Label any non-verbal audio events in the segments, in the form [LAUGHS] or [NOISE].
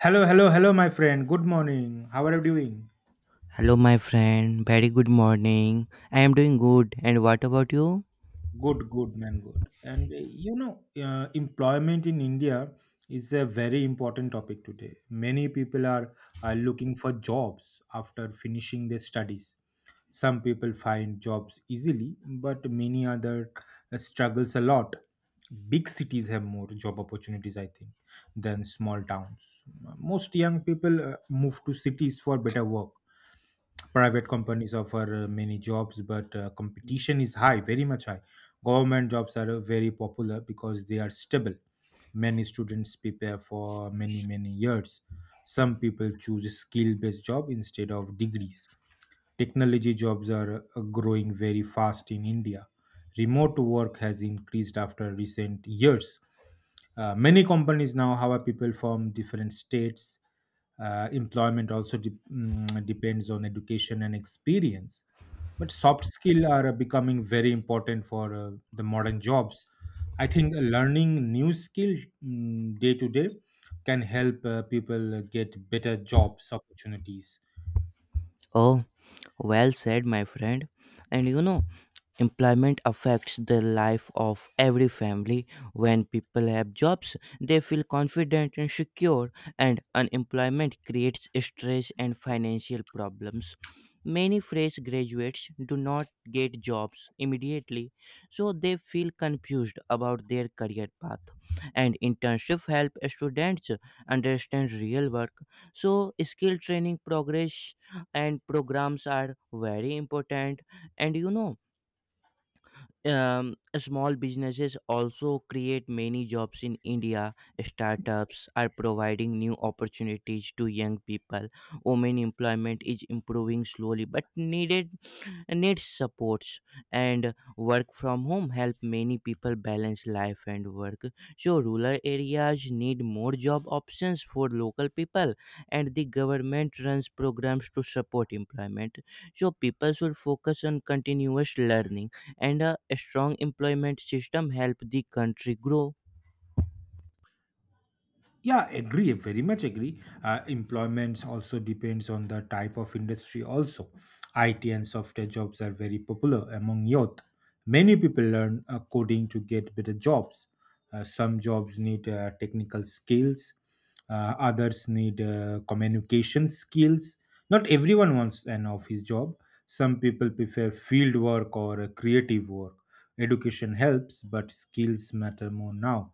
Hello, hello, hello, my friend. Good morning. How are you doing? Hello, my friend. Very good morning. I am doing good. And what about you? Good, good, man, good. And employment in India is a very important topic today. Many people are looking for jobs after finishing their studies. Some people find jobs easily, but many other struggles a lot. Big cities have more job opportunities, I think, than small towns. Most young people move to cities for better work. Private companies offer many jobs, but competition is high, very much high. Government jobs are very popular because they are stable. Many students prepare for many many years. Some people choose skill based job instead of degrees. Technology jobs are growing very fast in India. Remote work has increased after recent years. Many companies now hire people from different states. Employment also depends on education and experience. But soft skills are becoming very important for the modern jobs. I think learning new skill day to day can help people get better jobs opportunities. Oh, well said, my friend. And you know, employment affects the life of every family. When people have jobs, they feel confident and secure, and unemployment creates stress and financial problems. Many fresh graduates do not get jobs immediately, so they feel confused about their career path. And internships help students understand real work. So, skill training progress and programs are very important. And you know, small businesses also create many jobs in India. Startups are providing new opportunities to young people. Women employment is improving slowly but needed needs supports, and work from home help many people balance life and work. So rural areas need more job options for local people, and the government runs programs to support employment. So people should focus on continuous learning, and a strong employment system help the country grow. Yeah, agree, very much agree. Employments also depends on the type of industry also. It and software jobs are very popular among youth. Many people learn coding to get better jobs. Some jobs need technical skills. Others need communication skills. Not everyone wants an office job. Some people prefer field work or creative work. Education helps, but skills matter more now.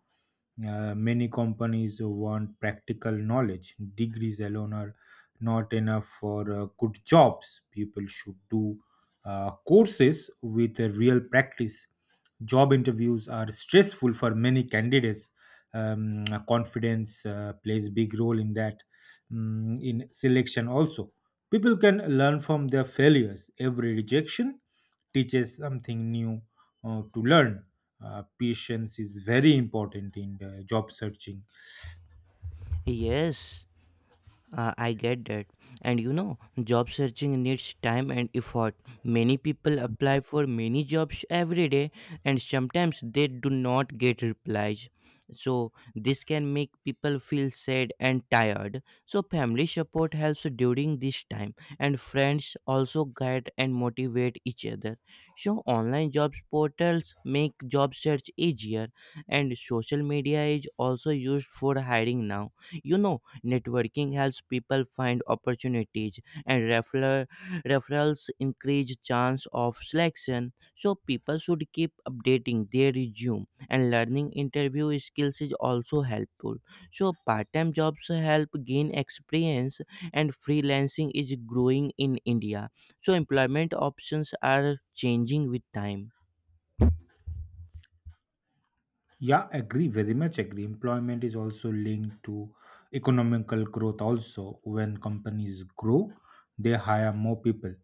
Many companies want practical knowledge. Degrees alone are not enough for good jobs. People should do courses with a real practice. Job interviews are stressful for many candidates. Confidence plays big role in that, in selection also. People can learn from their failures. Every rejection teaches something new to learn. Patience is very important in the job searching. Yes. I get that. And you know, job searching needs time and effort. Many people apply for many jobs every day, and sometimes they do not get replies. So, this can make people feel sad and tired. So, family support helps during this time, and friends also guide and motivate each other. So, online jobs portals make job search easier, and social media is also used for hiring now. You know, networking helps people find opportunities, and referrals increase chance of selection. So people should keep updating their resume, and learning interview skills is also helpful. So part-time jobs help gain experience, and freelancing is growing in India. So employment options are changing with time. Yeah, agree, very much agree. Employment is also linked to economical growth also. When companies grow, they hire more people.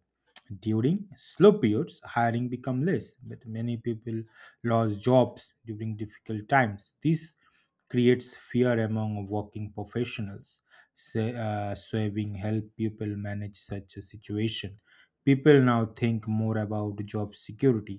During slow periods, hiring become less, but many people lost jobs during difficult times. This creates fear among working professionals. Saving help people manage such a situation. People now think more about job security.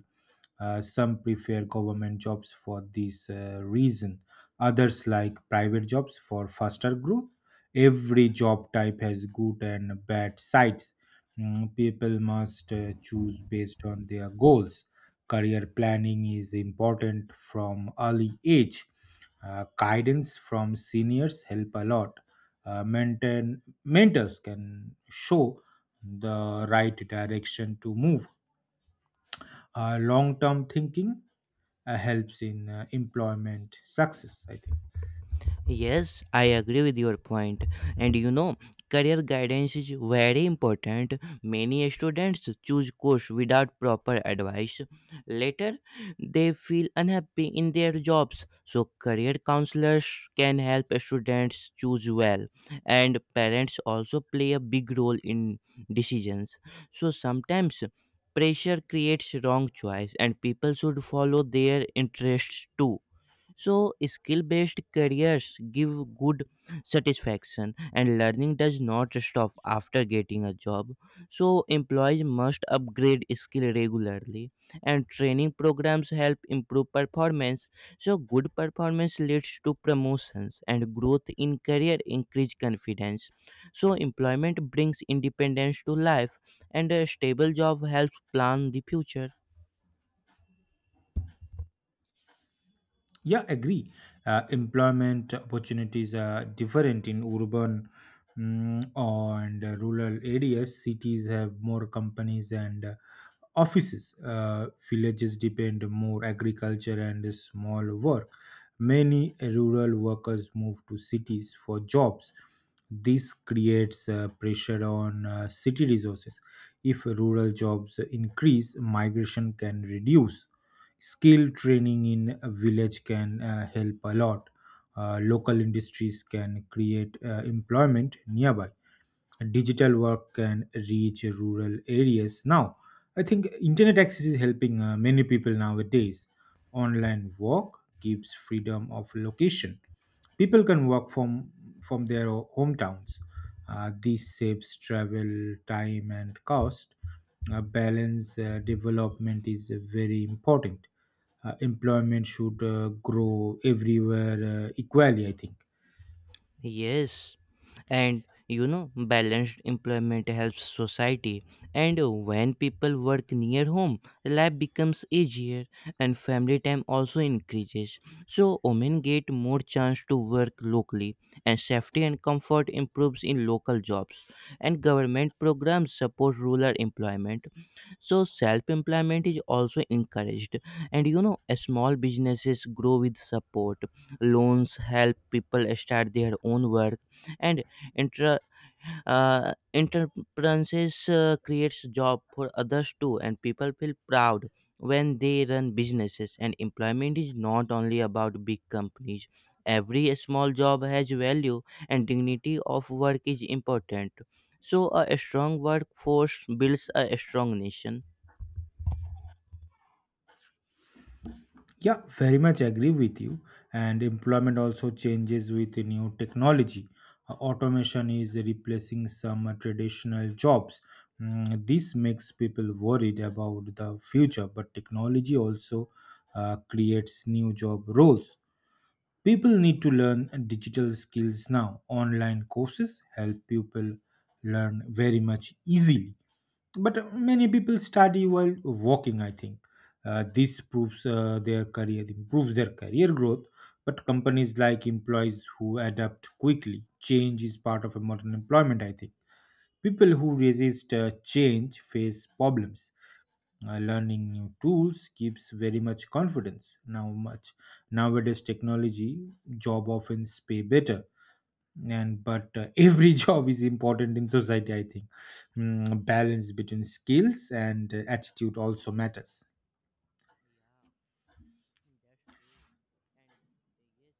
Some prefer government jobs for this reason. Others like private jobs for faster growth. Every job type has good and bad sides. People must choose based on their goals. Career planning is important from early age. Guidance from seniors help a lot. Mentors can show the right direction to move. Long term thinking helps in employment success, I think. Yes, I agree with your point. And you know, career guidance is very important. Many students choose course without proper advice. Later, they feel unhappy in their jobs. So career counselors can help students choose well. And parents also play a big role in decisions. So sometimes pressure creates wrong choice, and people should follow their interests too. So, skill based careers give good satisfaction, and learning does not stop after getting a job. So, employees must upgrade skill regularly, and training programs help improve performance. So, good performance leads to promotions, and growth in career increase confidence. So, employment brings independence to life, and a stable job helps plan the future. Yeah, agree. Employment opportunities are different in urban and rural areas. Cities have more companies and offices. Villages depend more agriculture and small work. Many rural workers move to cities for jobs. This creates pressure on city resources. If rural jobs increase, migration can reduce. Skill training in a village can help a lot. Local industries can create employment nearby. Digital work can reach rural areas now. I think internet access is helping many people nowadays. Online work gives freedom of location. People can work from their hometowns. This saves travel time and cost. Balance development is very important. Employment should grow everywhere equally, I think. Yes, and you know, balanced employment helps society. And when people work near home, life becomes easier and family time also increases. So, women get more chance to work locally, and safety and comfort improves in local jobs. And government programs support rural employment, so self-employment is also encouraged. And you know, small businesses grow with support. Loans help people start their own work. And intra entrepreneurs creates job for others too, and people feel proud when they run businesses. And employment is not only about big companies. Every small job has value, and dignity of work is important. So a strong workforce builds a strong nation. Yeah, very much agree with you. And employment also changes with the new technology. Automation is replacing some traditional jobs. This makes people worried about the future, but technology also creates new job roles. People need to learn digital skills now. Online courses help people learn very much easily, but many people study while walking, I think. This proves their career improves their career growth. But companies like employees who adapt quickly. Change is part of a modern employment, I think. People who resist change face problems. Learning new tools gives very much confidence now much. Nowadays technology job often pay better, and but every [LAUGHS] job is important in society, I think. Balance between skills and attitude also matters. Yeah, [LAUGHS] that's true. And yes,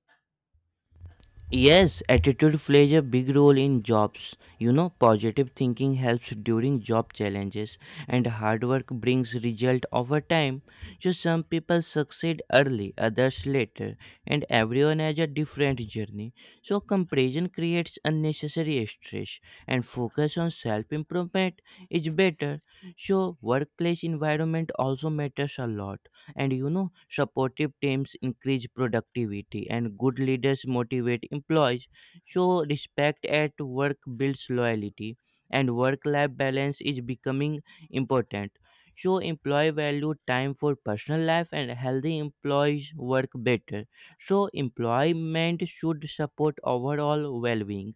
Yes, attitude plays a big role in jobs. You know, positive thinking helps during job challenges and hard work brings result over time. So some people succeed early, others later, and everyone has a different journey. So comparison creates unnecessary stress, and focus on self-improvement is better. So workplace environment also matters a lot. And you know, supportive teams increase productivity and good leaders motivate employees. So respect at work builds loyalty, and work life balance is becoming important. So employee value time for personal life and healthy employees work better. So employment should support overall well-being.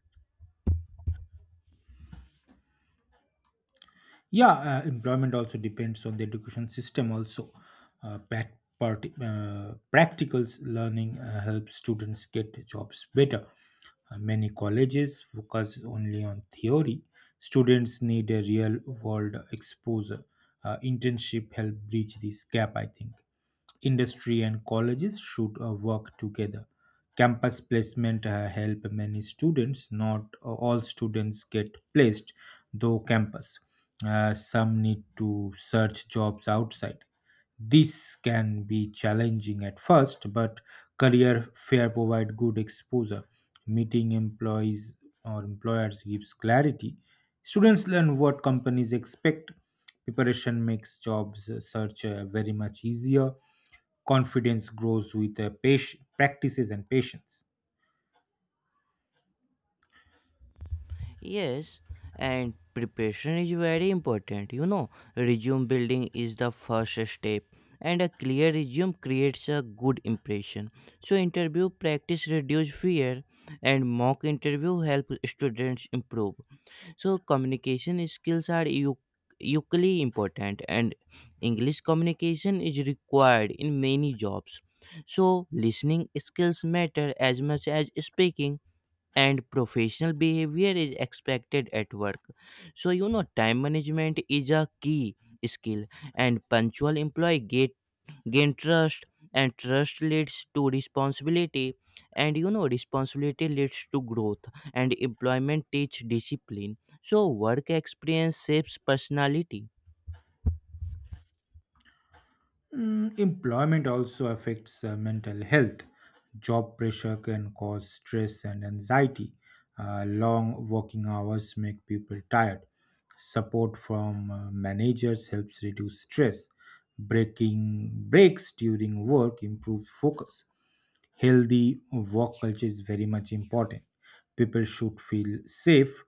Yeah, employment also depends on the education system also. Practical learning helps students get jobs better. Many colleges focus only on theory. Students need a real world exposure. Internship help bridge this gap, I think. Industry and colleges should work together. Campus placement help many students. Not all students get placed, though campus. Some need to search jobs outside. This can be challenging at first, but career fair provide good exposure. Meeting employees or employers gives clarity. Students learn what companies expect. Preparation makes jobs search very much easier. Confidence grows with patient, practices and patience. Yes, and preparation is very important. You know, resume building is the first step, and a clear resume creates a good impression. So, interview practice reduce fear, and mock interview help students improve. So, communication skills are equally important, and English communication is required in many jobs. So, listening skills matter as much as speaking, and professional behavior is expected at work. So, you know, time management is a key skill, and punctual employee get, gain trust, and trust leads to responsibility, and you know, responsibility leads to growth, and employment teach discipline. So, work experience shapes personality. Employment also affects mental health. Job pressure can cause stress and anxiety. Long working hours make people tired. Support from managers helps reduce stress. Breaking breaks during work improves focus. Healthy work culture is very much important. People should feel safe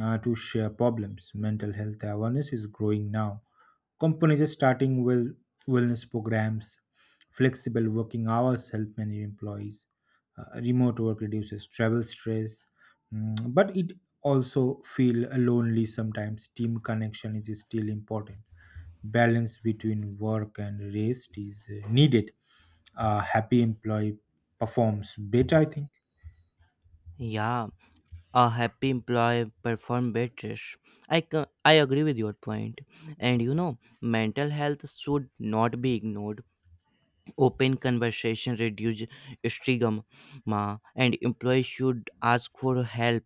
to share problems. Mental health awareness is growing now. Companies are starting wellness programs. Flexible working hours help many employees. Remote work reduces travel stress, but it also feel lonely sometimes. Team connection is still important. Balance between work and rest is needed. A happy employee performs better, I think. Yeah, a happy employee perform better. I agree with your point. And you know, mental health should not be ignored. Open conversation reduce stigma, and employees should ask for help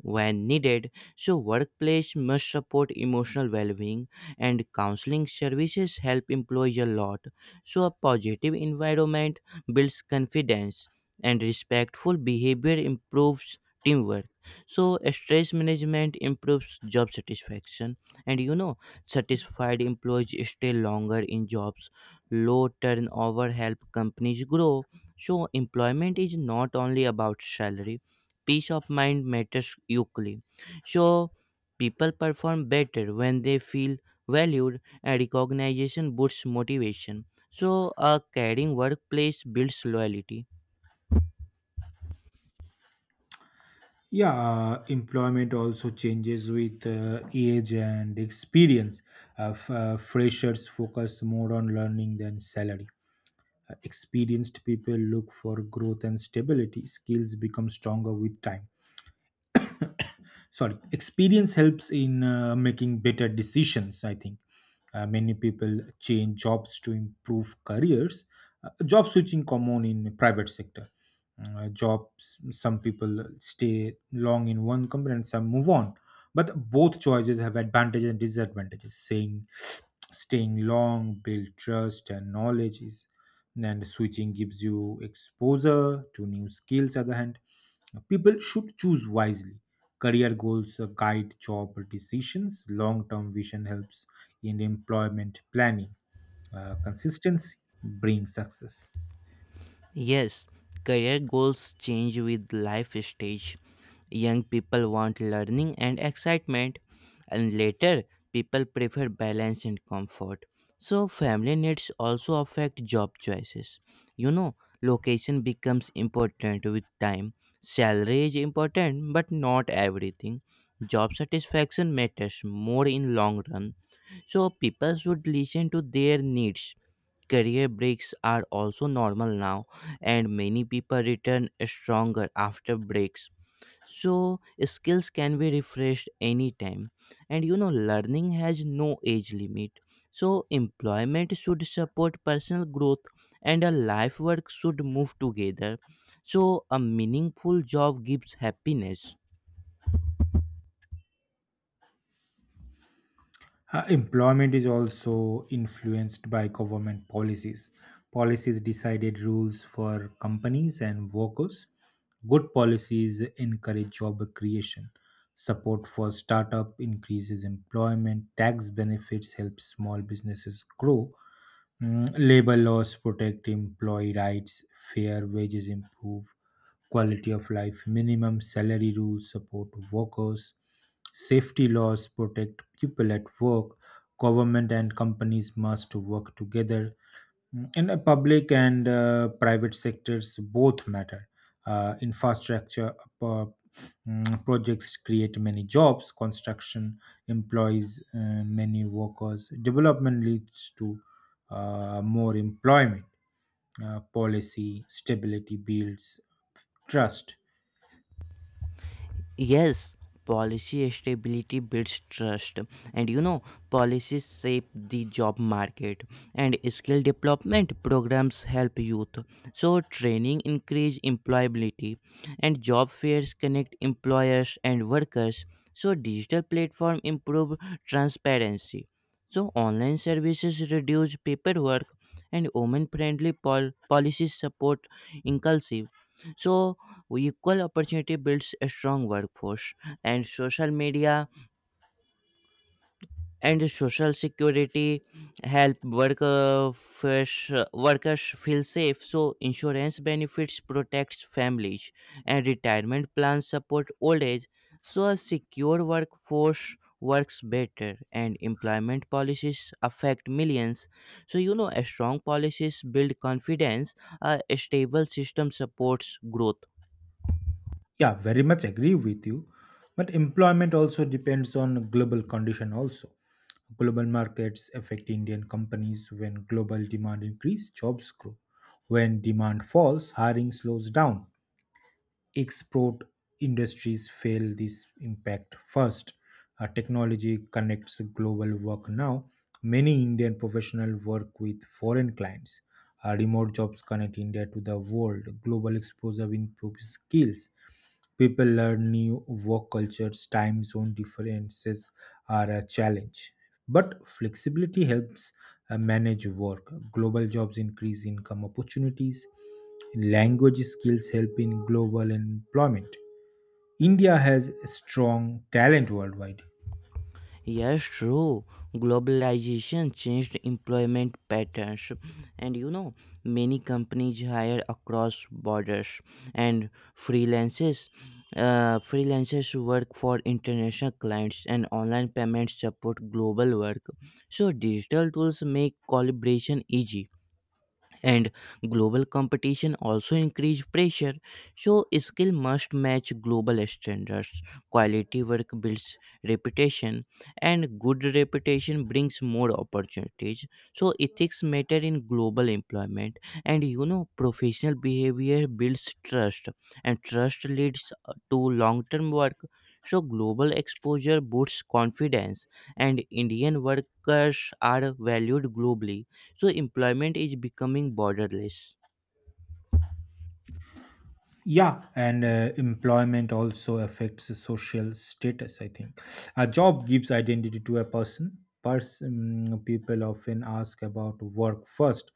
when needed. So, workplace must support emotional well-being, and counseling services help employees a lot. So, a positive environment builds confidence, and respectful behavior improves teamwork. So, stress management improves job satisfaction, and you know, satisfied employees stay longer in jobs. Low turnover help companies grow. So employment is not only about salary. Peace of mind matters equally. So people perform better when they feel valued, and recognition boosts motivation. So a caring workplace builds loyalty. Yeah, employment also changes with age and experience. Freshers focus more on learning than salary. Experienced people look for growth and stability. Skills become stronger with time. Sorry, experience helps in making better decisions, I think. Many people change jobs to improve careers. Job switching common in private sector jobs. Some people stay long in one company and some move on, but both choices have advantages and disadvantages. Saying staying long build trust and knowledge is, and switching gives you exposure to new skills other hand. People should choose wisely. Career goals guide job decisions. Long term vision helps in employment planning. Consistency brings success. Yes, career goals change with life stage. Young people want learning and excitement, and later people prefer balance and comfort. So family needs also affect job choices. You know, location becomes important with time. Salary is important but not everything. Job satisfaction matters more in long run. So people should listen to their needs. Career breaks are also normal now, and many people return stronger after breaks. So skills can be refreshed anytime, and you know, learning has no age limit. So employment should support personal growth, and a life work should move together. So a meaningful job gives happiness. Employment is also influenced by government policies. Policies decided rules for companies and workers. Good policies encourage job creation. Support for startup increases employment. Tax benefits help small businesses grow. Labor laws protect employee rights. Fair wages improve quality of life. Minimum salary rules support workers. Safety laws protect people at work. Government and companies must work together. And public and private sectors both matter. Infrastructure uh, projects create many jobs. Construction employs many workers. Development leads to more employment. Policy stability builds trust. Yes, policy stability builds trust, and you know, policies shape the job market, and skill development programs help youth. So, training increase employability, and job fairs connect employers and workers. So, digital platform improve transparency. So, online services reduce paperwork, and women-friendly policies support inclusive. So, equal opportunity builds a strong workforce, and social media and social security help workers feel safe. So insurance benefits protects families, and retirement plans support old age. So a secure workforce works better, and employment policies affect millions. So you know, a strong policies build confidence. A stable system supports growth. Yeah, very much agree with you. But employment also depends on global condition also. Global markets affect Indian companies. When global demand increase, jobs grow. When demand falls, hiring slows down. Export industries feel this impact first. Technology connects global work now. Many Indian professionals work with foreign clients. Remote jobs connect India to the world. Global exposure improves skills. People learn new work cultures. Time zone differences are a challenge. But flexibility helps manage work. Global jobs increase income opportunities. Language skills help in global employment. India has strong talent worldwide. Yes, true. Globalization changed employment patterns, and you know, many companies hire across borders, and freelancers. Freelancers work for international clients, and online payments support global work. So digital tools make collaboration easy, and global competition also increase pressure. So skill must match global standards. Quality work builds reputation, and good reputation brings more opportunities. So ethics matter in global employment, and you know, professional behavior builds trust, and trust leads to long term work. So global exposure boosts confidence, and Indian workers are valued globally. So employment is becoming borderless. Yeah, and employment also affects the social status, I think. A job gives identity to a person. Person, people often ask about work first.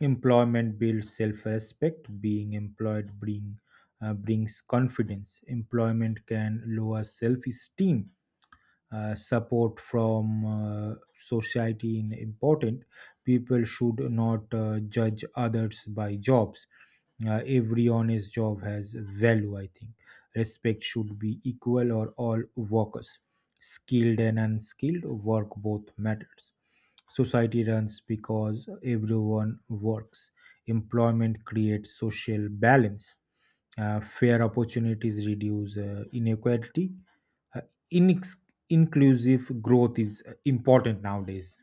Employment builds self-respect. Being employed brings confidence. Employment can lower self-esteem. Support from society is important. People should not judge others by jobs. Every honest job has value, I think. Respect should be equal or all workers. Skilled and unskilled work both matters. Society runs because everyone works. Employment creates social balance. Fair opportunities reduce inequality. uh, inex- Inclusive growth is important nowadays.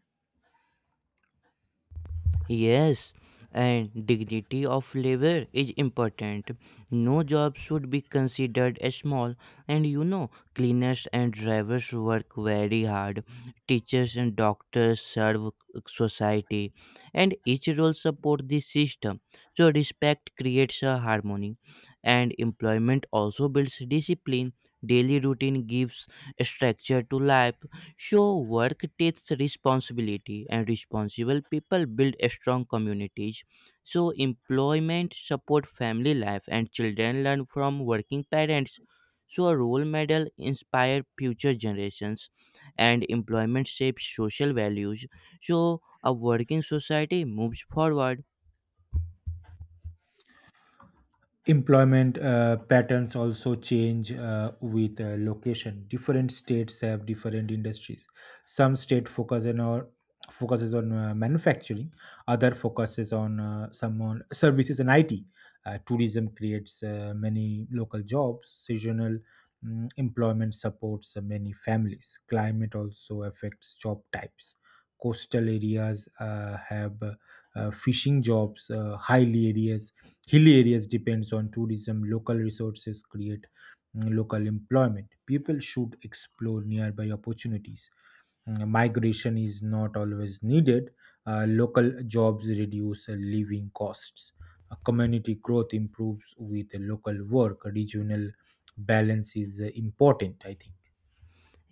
Yes, and dignity of labor is important. No job should be considered as small. And you know, cleaners and drivers work very hard. Teachers and doctors serve society, and each role support the system. So respect creates a harmony. And employment also builds discipline. Daily routine gives structure to life. So, work takes responsibility, and responsible people build strong communities. So, employment support family life, and children learn from working parents. So, a role model inspire future generations, and employment shapes social values. So, a working society moves forward. Employment patterns also change with location. Different states have different industries. Some state focus on or focuses on manufacturing, other focuses on some on services and it. Tourism creates many local jobs seasonal. Employment supports many families. Climate also affects job types. Coastal areas have fishing jobs. Highly areas Hilly areas depends on tourism. Local resources create local employment. People should explore nearby opportunities. Migration is not always needed. Local jobs reduce living costs. Community growth improves with local work. Regional balance is important, I think.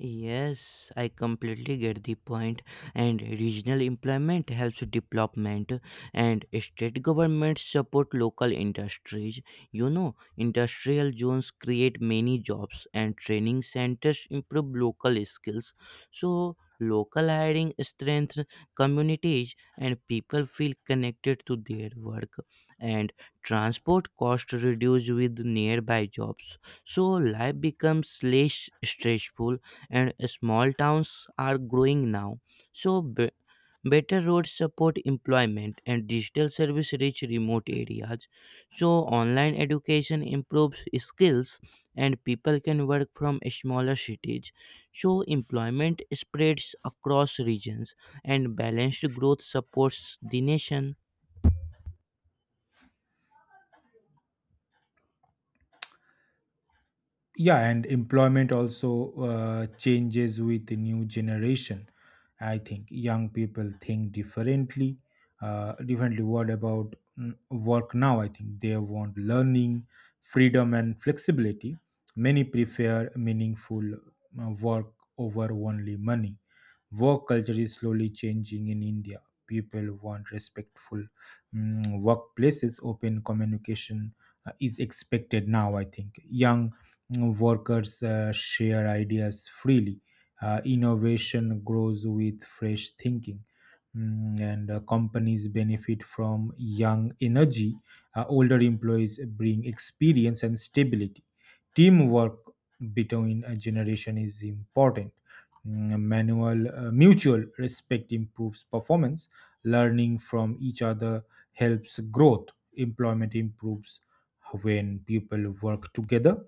Yes, I completely get the point. And regional employment helps development, and state governments support local industries. You know, industrial zones create many jobs, and training centers improve local skills. So, local hiring strengthens communities, and people feel connected to their work. And transport costs reduce with nearby jobs, so life becomes less stressful, and small towns are growing now. So, better roads support employment, and digital service reach remote areas. So, online education improves skills, and people can work from smaller cities. So, employment spreads across regions, and balanced growth supports the nation. Yeah, and employment also changes with the new generation, I think. Young people think differently, what about work now, I think. They want learning, freedom and flexibility. Many prefer meaningful work over only money. Work culture is slowly changing in India. People want respectful workplaces. Open communication is expected now, I think. Young workers share ideas freely. Innovation grows with fresh thinking. And companies benefit from young energy. Older employees bring experience and stability. Teamwork between a generation is important. Mm, Manual Mutual respect improves performance. Learning from each other helps growth. Employment improves when people work together.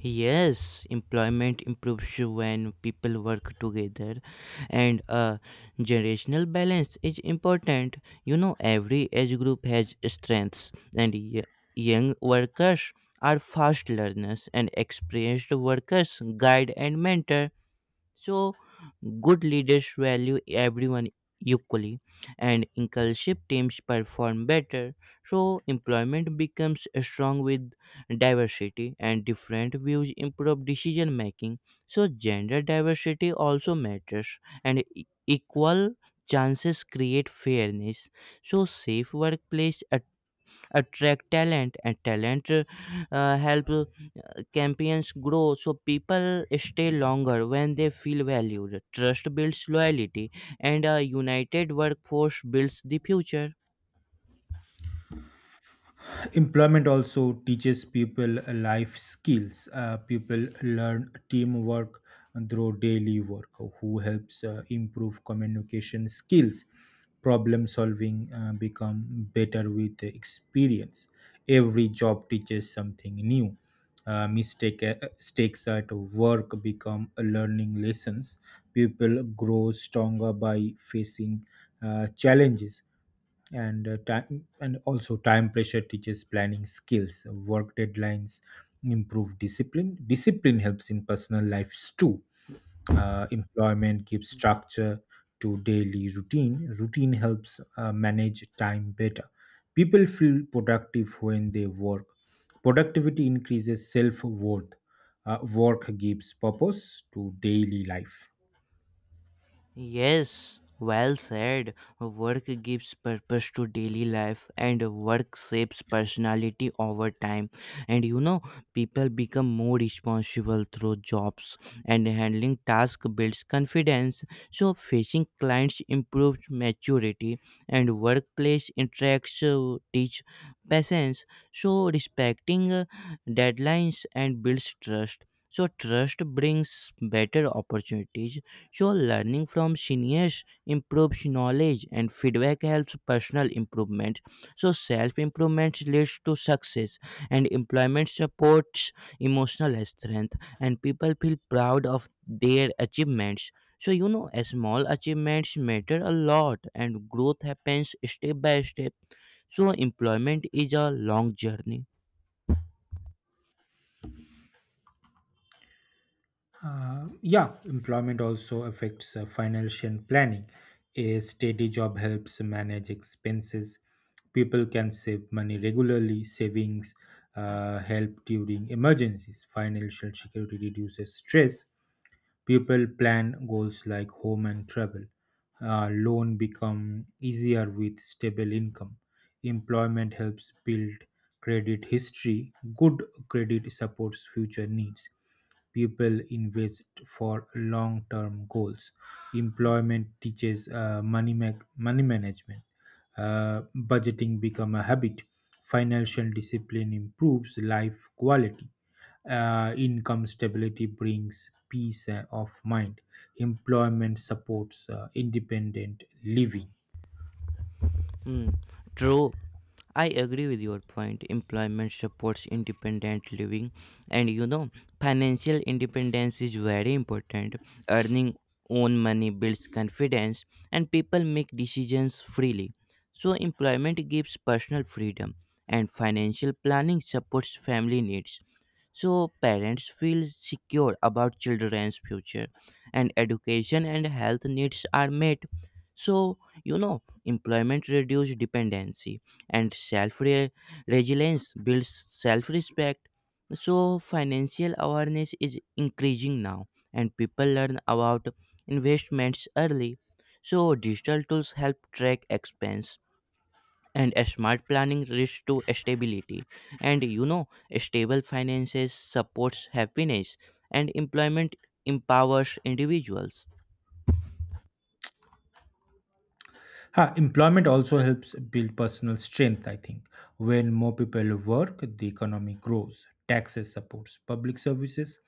Yes, employment improves when people work together, and generational balance is important. You know, every age group has strengths, and young workers are fast learners, and experienced workers guide and mentor. So, good leaders value everyone equally, and inclusive teams perform better. So, employment becomes strong with diversity, and different views improve decision making. So, gender diversity also matters, and equal chances create fairness. So, safe workplace attract talent, and talent help campaigns grow. So people stay longer when they feel valued. Trust builds loyalty, and a united workforce builds the future. Employment also teaches people life skills. People learn teamwork through daily work, who helps improve communication skills. Problem solving become better with the experience. Every job teaches something new. Mistakes at work become learning lessons. People grow stronger by facing challenges. And uh, time and also time pressure teaches planning skills. Work deadlines improve discipline. Discipline helps in personal lives too. Employment gives structure to daily routine. Routine helps manage time better. People feel productive when they work. Productivity increases self-worth. Work gives purpose to daily life. Yes, well said. Work gives purpose to daily life, and work shapes personality over time. And you know, people become more responsible through jobs, and handling tasks builds confidence. So, facing clients improves maturity, and workplace interactions teach patience. So, respecting deadlines and builds trust. So, trust brings better opportunities. So learning from seniors improves knowledge, and feedback helps personal improvement. So, self improvement leads to success, and employment supports emotional strength, and people feel proud of their achievements. So, you know, a small achievements matter a lot, and growth happens step by step. So, employment is a long journey. Yeah, employment also affects financial planning. A steady job helps manage expenses. People can save money regularly. Savings help during emergencies. Financial security reduces stress. People plan goals like home and travel. Loan become easier with stable income. Employment helps build credit history. Good credit supports future needs. People invest for long-term goals. Employment teaches money management. Budgeting become a habit. Financial discipline improves life quality. Income stability brings peace of mind. Employment supports independent living. Hmm, true. I agree with your point. Employment supports independent living, and you know, financial independence is very important. Earning own money builds confidence, and people make decisions freely. So, employment gives personal freedom, and financial planning supports family needs. So, parents feel secure about children's future, and education and health needs are met. So, you know, employment reduces dependency, and self resilience builds self respect. So, financial awareness is increasing now, and people learn about investments early. So, digital tools help track expense, and a smart planning leads to stability. And you know, stable finances supports happiness, and employment empowers individuals. Huh, employment also helps build personal strength, I think. When more people work, the economy grows. Taxes supports public services.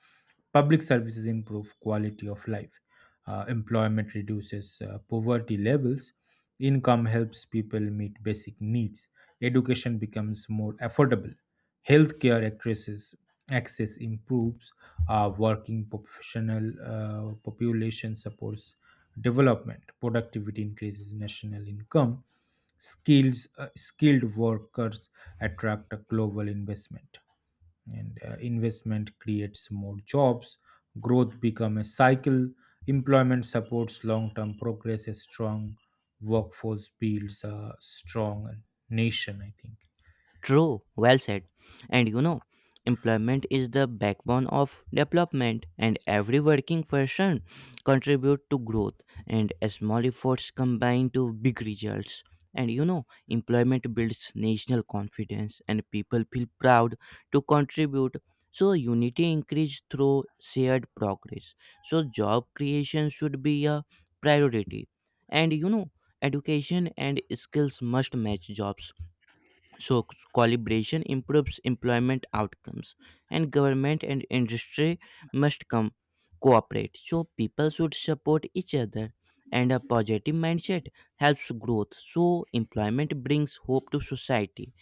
Public services improve quality of life. Employment reduces poverty levels. Income helps people meet basic needs. Education becomes more affordable. Healthcare addresses access improves. Working professional population supports development. Productivity increases national income. Skills Skilled workers attract a global investment, and investment creates more jobs. Growth become a cycle. Employment supports long term progress. A strong workforce builds a strong nation, I think. True, well said. And you know, employment is the backbone of development, and every working person contribute to growth, and small efforts combine to big results. And you know, employment builds national confidence, and people feel proud to contribute. So unity increase through shared progress. So job creation should be a priority. And you know, education and skills must match jobs. So collaboration improves employment outcomes, and government and industry must come cooperate. So people should support each other, and a positive mindset helps growth. So employment brings hope to society,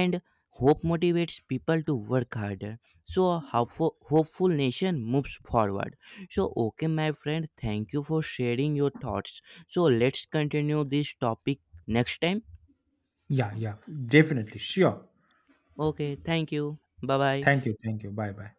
and hope motivates people to work harder. So a hopeful nation moves forward. So okay, my friend, thank you for sharing your thoughts. So let's continue this topic next time. Yeah, yeah, definitely, sure. Okay, thank you. Bye Thank bye. you, thank you. Bye bye.